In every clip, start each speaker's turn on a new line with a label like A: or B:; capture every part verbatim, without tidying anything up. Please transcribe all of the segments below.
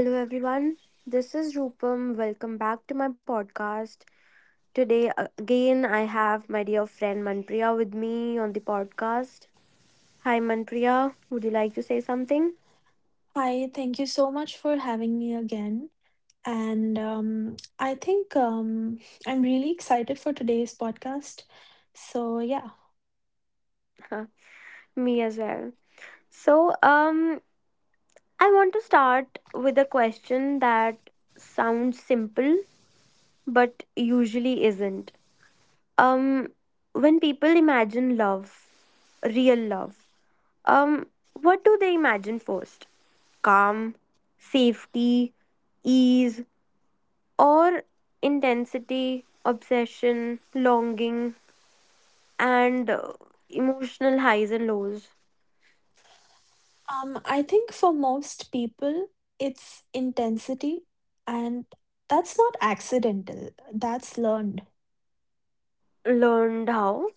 A: Hello, everyone. This is Rupam. Welcome back to my podcast. Today, uh, again, I have my dear friend Manpriya with me on the podcast. Hi, Manpriya. Would you like to say something?
B: Hi, thank you so much for having me again. And um, I think um, I'm really excited for today's podcast. So, yeah,
A: Huh, me as well. So, um, I want to start with a question that sounds simple but usually isn't. Um, when people imagine love, real love, um, what do they imagine first? Calm, safety, ease, or intensity, obsession, longing, and uh, emotional highs and lows.
B: um, I think for most people, it's intensity, and that's not accidental, that's learned.
A: Learned how.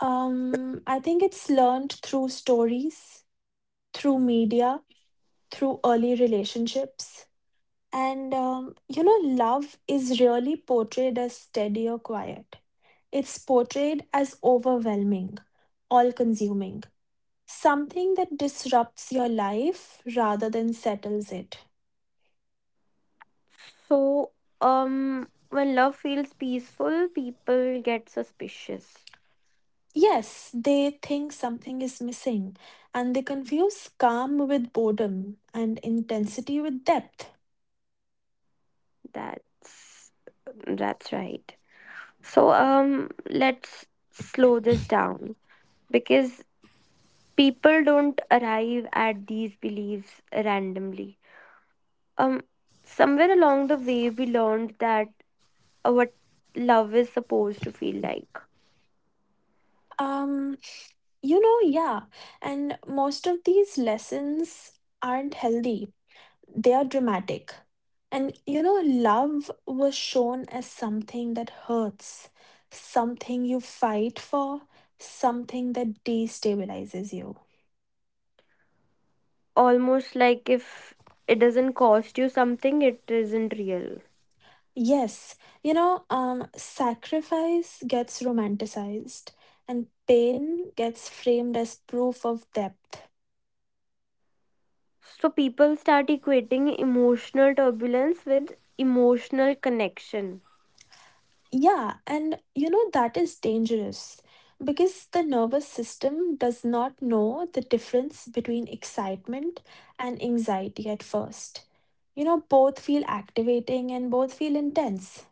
B: Um, I think it's learned through stories, through media, through early relationships. And, um, you know, love is really portrayed as steady or quiet. It's portrayed as overwhelming, all consuming, something that disrupts your life rather than settles it.
A: So, um, when love feels peaceful, people get suspicious.
B: Yes, they think something is missing, and they confuse calm with boredom and intensity with depth.
A: That's that's right. So, um, let's slow this down because people don't arrive at these beliefs randomly. um Somewhere along the way we learned that uh, what love is supposed to feel like.
B: Um, you know, yeah, and most of these lessons aren't healthy, they are dramatic. And you know, love was shown as something that hurts, something you fight for, something that destabilizes you.
A: Almost like if it doesn't cost you something, it isn't real.
B: Yes, you know, um, sacrifice gets romanticized and pain gets framed as proof of depth.
A: So people start equating emotional turbulence with emotional connection.
B: Yeah, and you know that is dangerous because the nervous system does not know the difference between excitement and anxiety at first. You know, both feel activating and both feel intense.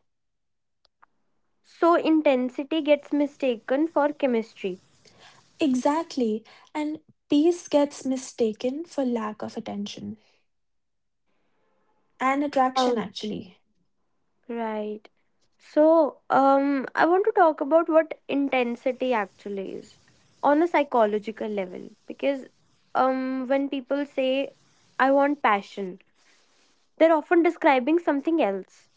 A: So intensity gets mistaken for chemistry.
B: Exactly, and peace gets mistaken for lack of attention and attraction
A: Ouch.
B: actually.
A: Right. So, um, I want to talk about what intensity actually is on a psychological level because um when people say I want passion, they're often describing something else.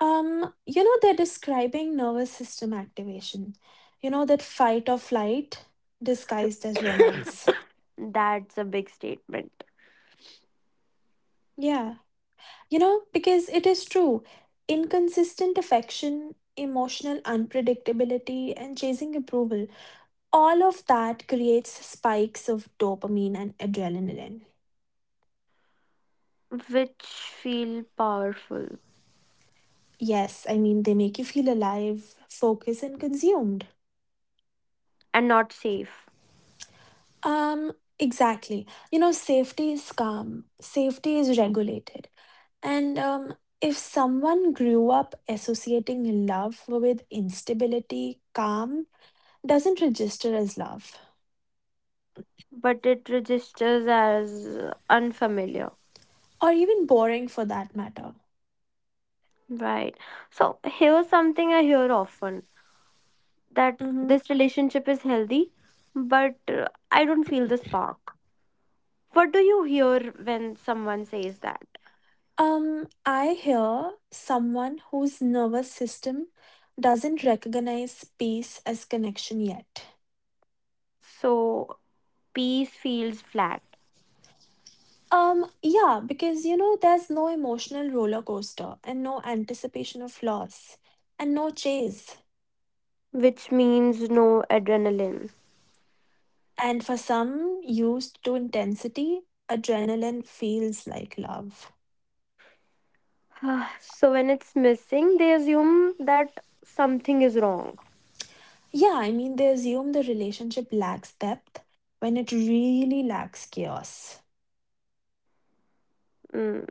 B: Um, you know, they're describing nervous system activation. You know, that fight or flight disguised as romance.
A: That's a big statement.
B: Yeah. You know, because it is true. Inconsistent affection, emotional unpredictability, and chasing approval, all of that creates spikes of dopamine and adrenaline.
A: Which feel powerful.
B: Yes, I mean, they make you feel alive, focused, and consumed.
A: And not safe,
B: Um, exactly. You know, safety is calm, safety is regulated. And um, if someone grew up associating love with instability, calm doesn't register as love,
A: but it registers as unfamiliar.
B: or even boring for that matter.
A: Right. So, here's something I hear often. That
B: Mhm.
A: this relationship is healthy, but uh, I don't feel the spark. What do you hear when someone says that?
B: Um, I hear someone whose nervous system doesn't recognize space as connection yet.
A: So, peace feels flat,
B: Um, yeah, because you know, there's no emotional roller coaster and no anticipation of loss and no chase.
A: which means no adrenaline.
B: And for some used to intensity, adrenaline feels like love.
A: So, when it's missing, they assume that something is wrong.
B: Yeah, I mean, they assume the relationship lacks depth when it really lacks chaos.
A: Mm,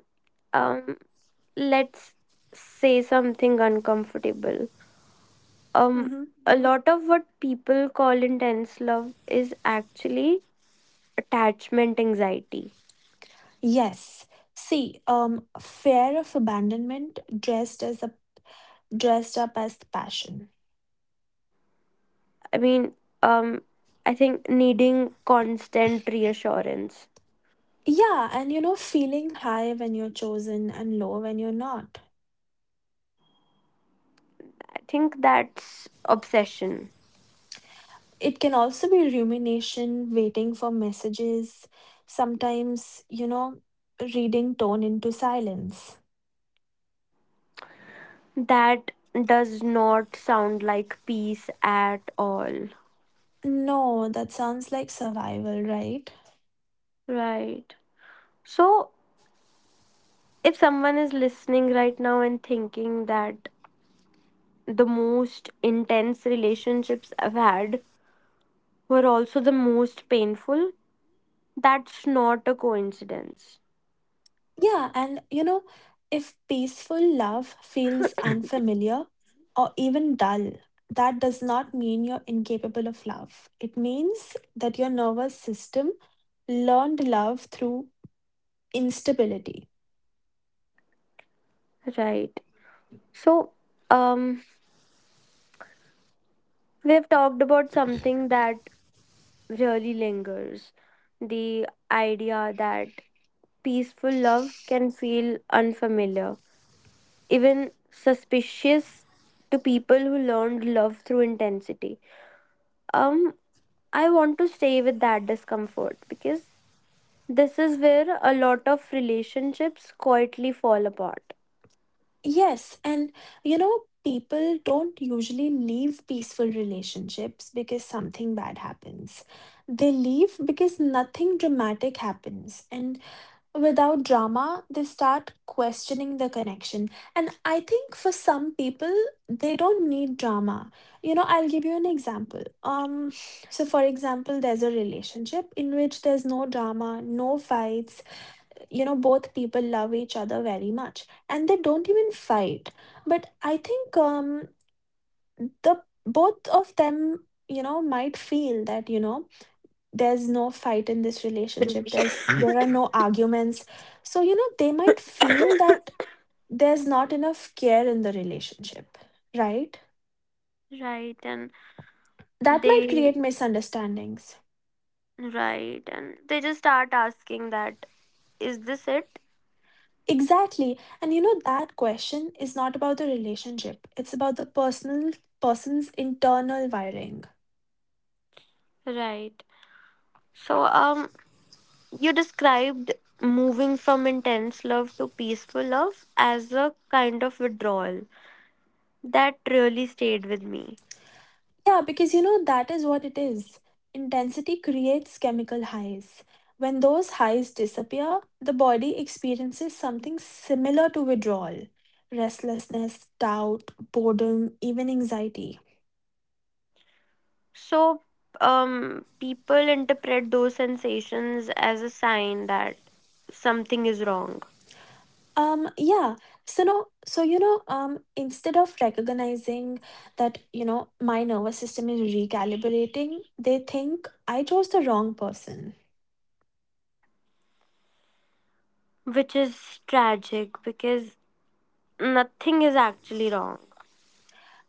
A: um, let's say something uncomfortable. Um,
B: Mhm.
A: a lot of what people call intense love is actually attachment anxiety.
B: Yes. See, um, fear of abandonment dressed as a dressed up as passion.
A: I mean, um, I think needing constant reassurance.
B: Yeah, and you know, feeling high when you're chosen and low when you're not.
A: I think that's obsession.
B: It can also be rumination, waiting for messages, sometimes, you know, reading tone into silence.
A: That does not sound like peace at all.
B: No, that sounds like survival, right?
A: Right. So, if someone is listening right now and thinking that the most intense relationships I've had were also the most painful, that's not a coincidence.
B: Yeah, and you know, if peaceful love feels unfamiliar or even dull, that does not mean you're incapable of love. It means that your nervous system learned love through instability.
A: Right. So, um, we've talked about something that really lingers. The idea that peaceful love can feel unfamiliar, even suspicious to people who learned love through intensity. Um, I want to stay with that discomfort because this is where a lot of relationships quietly fall apart.
B: Yes, and you know, people don't usually leave peaceful relationships because something bad happens. They leave because nothing dramatic happens. And without drama, they start questioning the connection. And I think for some people, they don't need drama. You know, I'll give you an example. Um, so for example, there's a relationship in which there's no drama, no fights, you know both people love each other very much and they don't even fight, but I think um the both of them you know might feel that you know there's no fight in this relationship, there's there are no arguments, so you know they might feel that there's not enough care in the relationship, right?
A: Right, and
B: That might create
A: they
B: misunderstandings.
A: right, and they just start asking that, is this it?
B: Exactly, and you know that question is not about the relationship, it's about the personal person's internal wiring.
A: Right. So um, you described moving from intense love to peaceful love as a kind of withdrawal. That really stayed with me.
B: Yeah, because you know, that is what it is. Intensity creates chemical highs. When those highs disappear, the body experiences something similar to withdrawal: restlessness, doubt, boredom, even anxiety.
A: So, um, people interpret those sensations as a sign that something is wrong,
B: Um, yeah. So no, so you know, um, Instead of recognizing that, you know, my nervous system is recalibrating, they think I chose the wrong person.
A: which is tragic because nothing is actually wrong.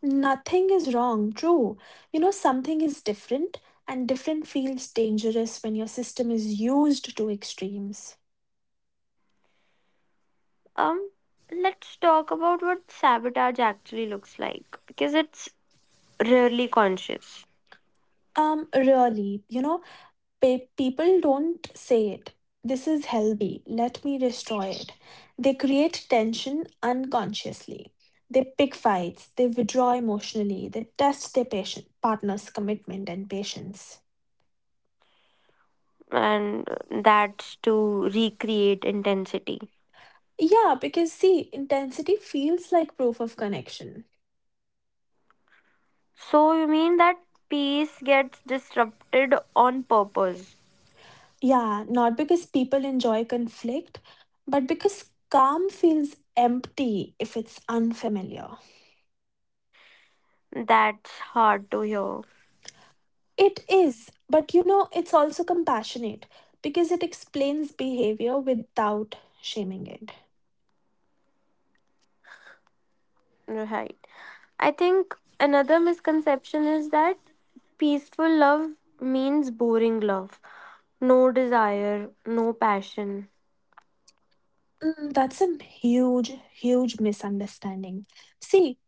B: Nothing is wrong, true. You know, something is different, and different feels dangerous when your system is used to extremes.
A: Um, let's talk about what sabotage actually looks like because it's rarely conscious.
B: Um, really, you know, pe- People don't say it. This is healthy, let me destroy it. They create tension unconsciously. They pick fights, they withdraw emotionally, they test their patient, partner's commitment and patience.
A: And that's to recreate intensity.
B: Yeah, because see, intensity feels like proof of connection.
A: So, you mean that peace gets disrupted on purpose?
B: Yeah, not because people enjoy conflict, but because calm feels empty if it's unfamiliar.
A: That's hard to hear.
B: It is, but you know, it's also compassionate because it explains behavior without shaming it.
A: Right. I think another misconception is that peaceful love means boring love. No desire, no passion.
B: Mm, that's a huge, huge misunderstanding. See,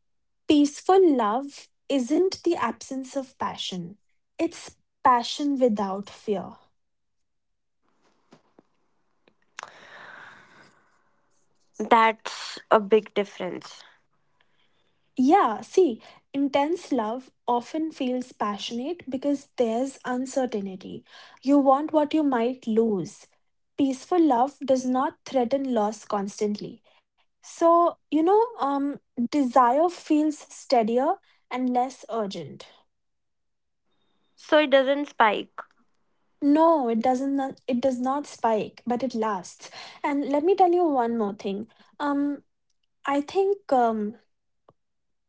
B: peaceful love isn't the absence of passion, it's passion without fear.
A: That's a big difference.
B: Yeah, see, intense love often feels passionate because there's uncertainty. You want what you might lose. Peaceful love does not threaten loss constantly. So, you know, um, desire feels steadier and less urgent.
A: So it doesn't spike.
B: No, it doesn't not- it does not spike, but it lasts. And let me tell you one more thing. Um, I think um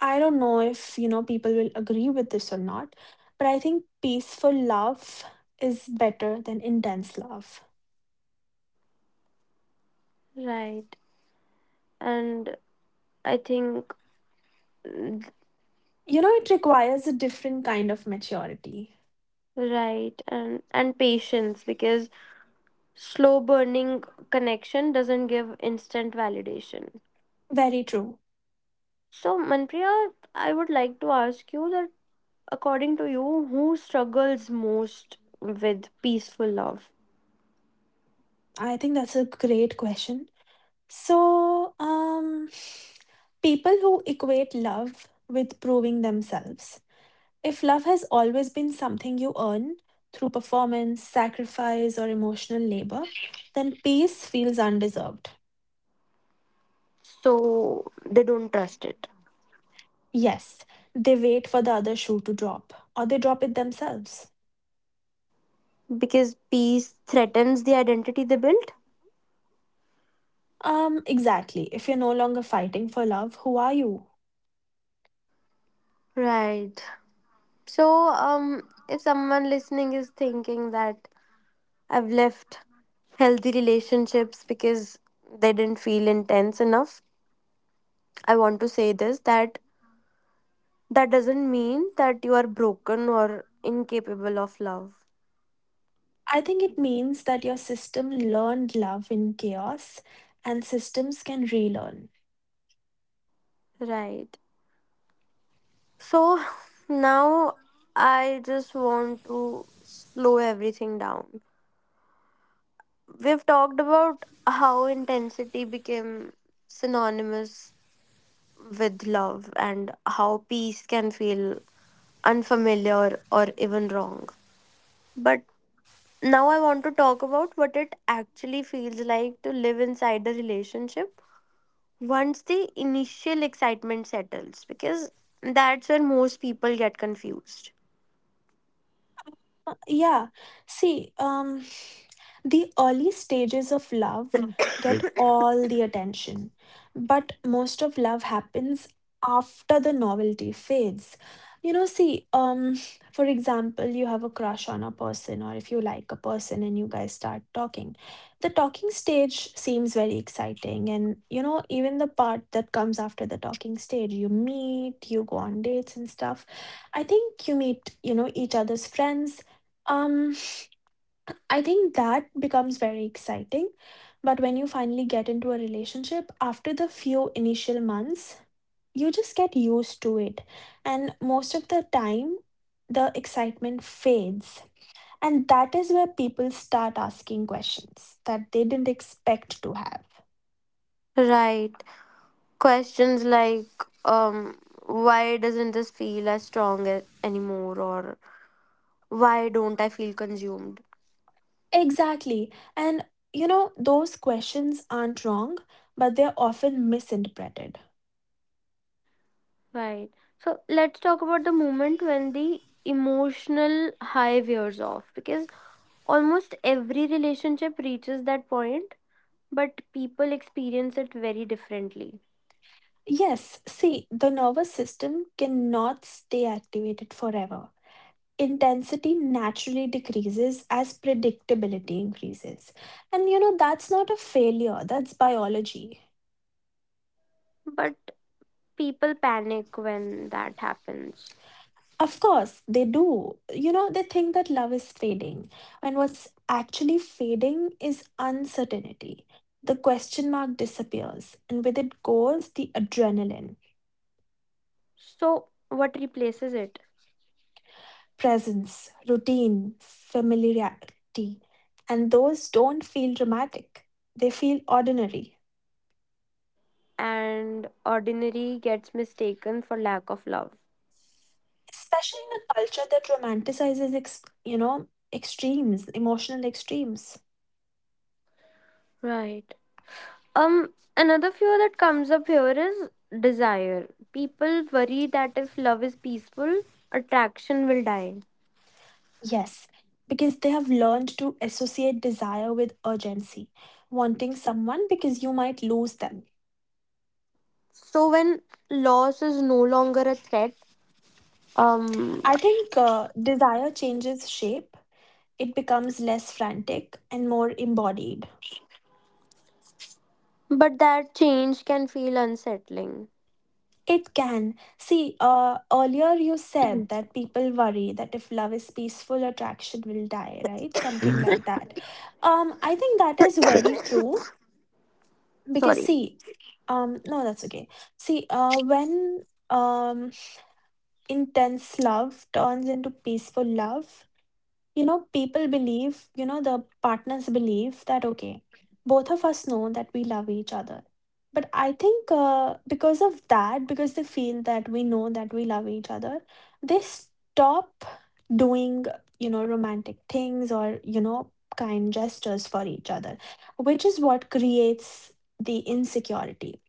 B: I don't know if, you know, people will agree with this or not, but I think peaceful love is better than intense love.
A: Right. And I think
B: You know, it requires a different kind of maturity.
A: right, and and patience because slow burning connection doesn't give instant validation.
B: Very true.
A: So, Manpriya, I would like to ask you that according to you, who struggles most with peaceful love?
B: I think that's a great question. So, um, people who equate love with proving themselves. If love has always been something you earn through performance, sacrifice, or emotional labor, then peace feels undeserved.
A: So they don't trust it
B: Yes, they wait for the other shoe to drop, or they drop it themselves.
A: because peace threatens the identity they built.
B: Um, exactly. If you're no longer fighting for love, who are you?
A: Right. So, um, if someone listening is thinking that I've left healthy relationships because they didn't feel intense enough. I want to say this, that that doesn't mean that you are broken or incapable of love.
B: I think it means that your system learned love in chaos, and systems can relearn.
A: Right. So now I just want to slow everything down. We've talked about how intensity became synonymous with love and how peace can feel unfamiliar or even wrong. But now I want to talk about what it actually feels like to live inside a relationship once the initial excitement settles because that's where most people get confused.
B: Uh, Yeah. See, um, the early stages of love get all the attention, but most of love happens after the novelty fades. You know, see, um, for example, you have a crush on a person, or if you like a person and you guys start talking, the talking stage seems very exciting. And, you know, even the part that comes after the talking stage, you meet, you go on dates and stuff. I think you meet, you know, each other's friends, um, I think that becomes very exciting. But when you finally get into a relationship, after the few initial months, you just get used to it. And most of the time, the excitement fades. And that is where people start asking questions that they didn't expect to have.
A: Right. Questions like um, why doesn't this feel as strong a- anymore, or why don't I feel consumed?
B: Exactly. And you know, those questions aren't wrong, but they're often misinterpreted.
A: Right. So let's talk about the moment when the emotional high wears off because almost every relationship reaches that point but people experience it very differently.
B: Yes, see, the nervous system cannot stay activated forever. Intensity naturally decreases as predictability increases. And you know, that's not a failure, that's biology.
A: But people panic when that happens.
B: Of course, they do. You know, they think that love is fading. And what's actually fading is uncertainty. The question mark disappears, and with it goes the adrenaline.
A: So, what replaces it?
B: Presence, routine, familiarity, and those don't feel dramatic. They feel ordinary,
A: And ordinary gets mistaken for lack of love.
B: especially in a culture that romanticizes, ex- you know, extremes, emotional extremes.
A: Right. Um, another fear that comes up here is desire. People worry that if love is peaceful, attraction will die.
B: Yes, because they have learned to associate desire with urgency, wanting someone because you might lose them.
A: So when loss is no longer a threat, um,
B: I think uh, desire changes shape. It becomes less frantic and more embodied.
A: but that change can feel unsettling.
B: It can. See, uh, earlier you said that people worry that if love is peaceful, attraction will die, right? Something like that. Um, I think that is very true because
A: Sorry.
B: see, um, no, that's okay. See, uh, when um intense love turns into peaceful love, you know, people believe, you know, the partners believe that, okay, both of us know that we love each other. But I think uh, because of that, because they feel that we know that we love each other, they stop doing, you know, romantic things or, you know, kind gestures for each other, which is what creates the insecurity,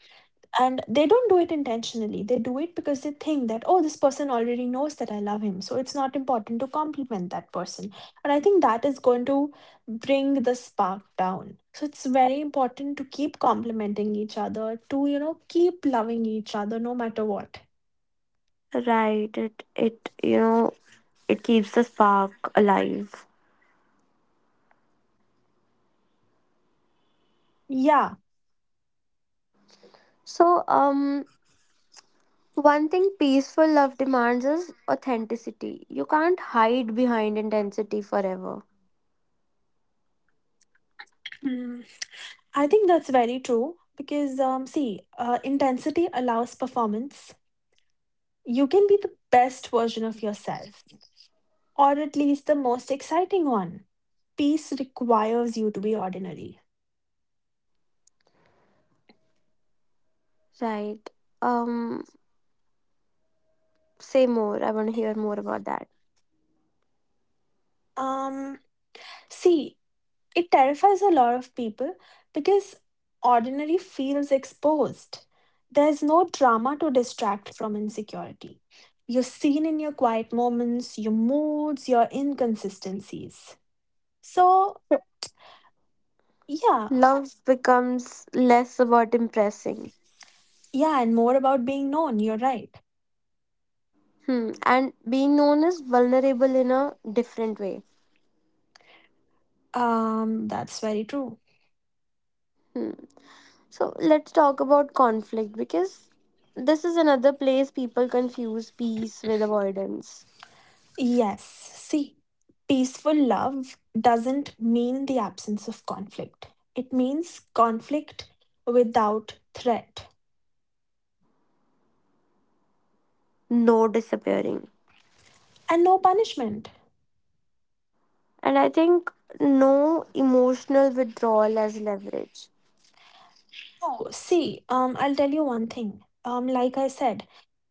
B: and they don't do it intentionally, they do it because they think that oh, this person already knows that I love him, so it's not important to compliment that person. And I think that is going to bring the spark down, so it's very important to keep complimenting each other, to you know keep loving each other no matter what.
A: Right. It it you know it keeps the spark alive.
B: Yeah.
A: So, um, one thing peaceful love demands is authenticity. You can't hide behind intensity forever.
B: Mm, I think that's very true because, um, see, uh, intensity allows performance. You can be the best version of yourself, or at least the most exciting one. Peace requires you to be ordinary.
A: Right. Um, say more. I want to hear more about that.
B: Um, See, it terrifies a lot of people because ordinary feels exposed. There's no drama to distract from insecurity. You're seen in your quiet moments, your moods, your inconsistencies. So,
A: So,
B: yeah,
A: love becomes less about impressing.
B: yeah, and more about being known, you're right.
A: Hmm. And being known as vulnerable in a different way.
B: Um, that's very true.
A: Hmm. So let's talk about conflict because this is another place people confuse peace with avoidance.
B: Yes. See, peaceful love doesn't mean the absence of conflict. It means conflict without threat
A: No disappearing.
B: and no punishment.
A: And I think no emotional withdrawal as leverage.
B: Oh, see, um, I'll tell you one thing. Um, like I said,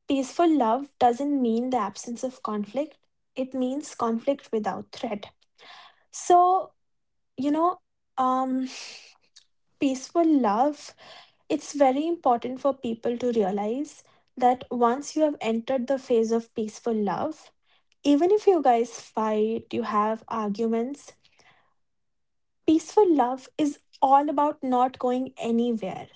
B: peaceful love doesn't mean the absence of conflict. It means conflict without threat. So, you know, um, peaceful love, it's very important for people to realize that once you have entered the phase of peaceful love, even if you guys fight, you have arguments, peaceful love is all about not going anywhere,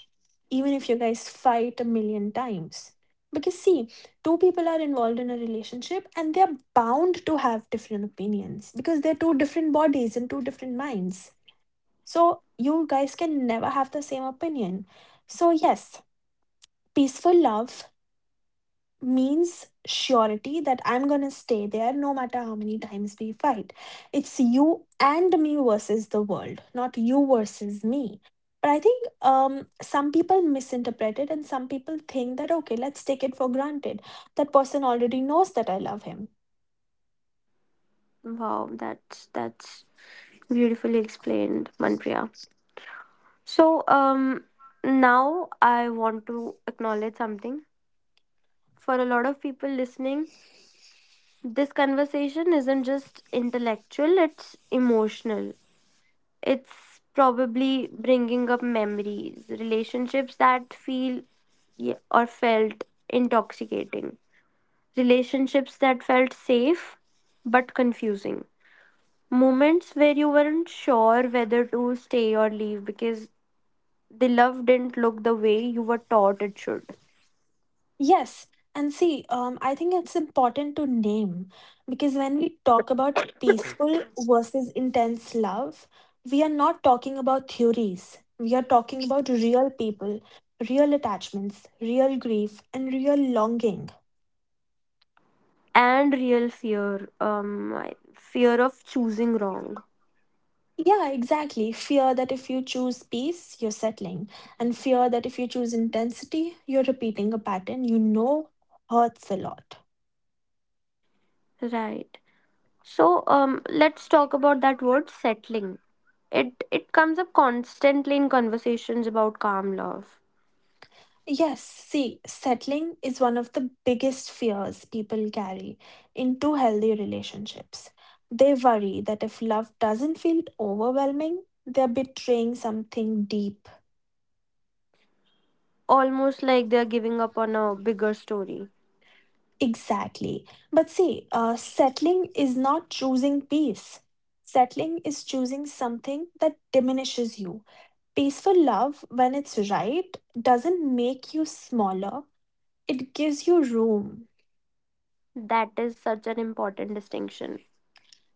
B: even if you guys fight a million times. Because, see, two people are involved in a relationship and they're bound to have different opinions because they're two different bodies and two different minds. So, you guys can never have the same opinion. So, yes, peaceful love means surety that I'm gonna stay there no matter how many times we fight. It's you and me versus the world, not you versus me. But I think um, some people misinterpret it, and some people think that okay, let's take it for granted. That person already knows that I love him.
A: Wow, that's that's beautifully explained, Manpriya. So um, now I want to acknowledge something. For a lot of people listening, this conversation isn't just intellectual, it's emotional. It's probably bringing up memories, relationships that feel yeah, or felt intoxicating, relationships that felt safe but confusing, moments where you weren't sure whether to stay or leave because the love didn't look the way you were taught it should,
B: Yes. And see, um, I think it's important to name because when we talk about peaceful versus intense love, we are not talking about theories. We are talking about real people, real attachments, real grief, and real longing.
A: and real fear, um, I- fear of choosing wrong.
B: Yeah, exactly. Fear that if you choose peace, you're settling. And fear that if you choose intensity, you're repeating a pattern you know hurts a lot.
A: Right. So um, let's talk about that word settling. It it comes up constantly in conversations about calm love,
B: Yes, see, settling is one of the biggest fears people carry into healthy relationships. They worry that if love doesn't feel overwhelming, they're betraying something deep.
A: almost like they're giving up on a bigger story.
B: Exactly. But see, uh, settling is not choosing peace. Settling is choosing something that diminishes you. Peaceful love, when it's right, doesn't make you smaller, it gives you room.
A: That is such an important distinction.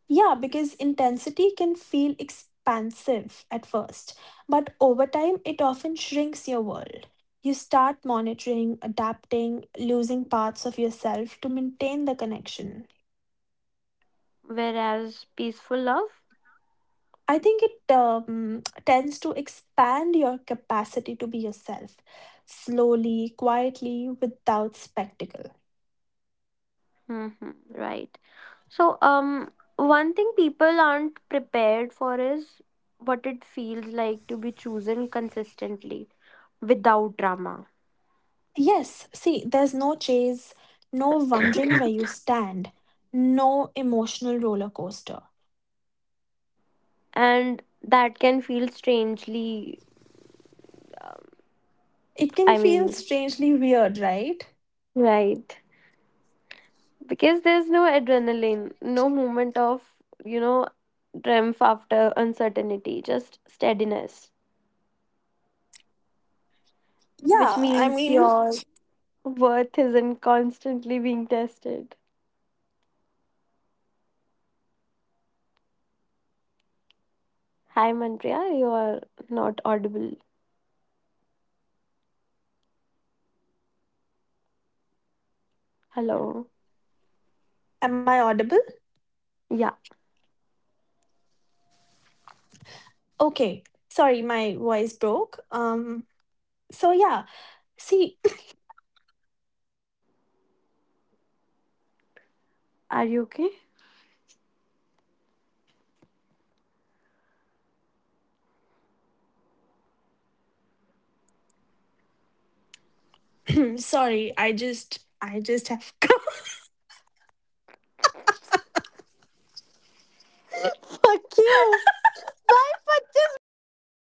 B: Yeah, because intensity can feel expansive at first, but over time it often shrinks your world. You start monitoring, adapting, losing parts of yourself to maintain the connection.
A: Whereas peaceful love,
B: I think it um, tends to expand your capacity to be yourself, slowly, quietly, without spectacle.
A: mm-hmm, right? So um, one thing people aren't prepared for is what it feels like to be chosen consistently without drama,
B: Yes, see, there's no chase, no wondering where you stand, no emotional roller coaster.
A: and that can feel strangely.
B: It can
A: I
B: feel
A: mean.
B: strangely weird, right?
A: Right. Because there's no adrenaline, no moment of, you know, triumph after uncertainty, just steadiness, which
B: Yeah, I
A: means
B: mean,
A: your worth isn't constantly being tested. Hi, Manpriya, you are not audible. Hello.
B: am I audible?
A: Yeah,
B: Okay. Sorry, my voice broke. Um so yeah. See,
A: are you okay?
B: sorry, I just I just have
A: Fuck you! Bye, twenty-five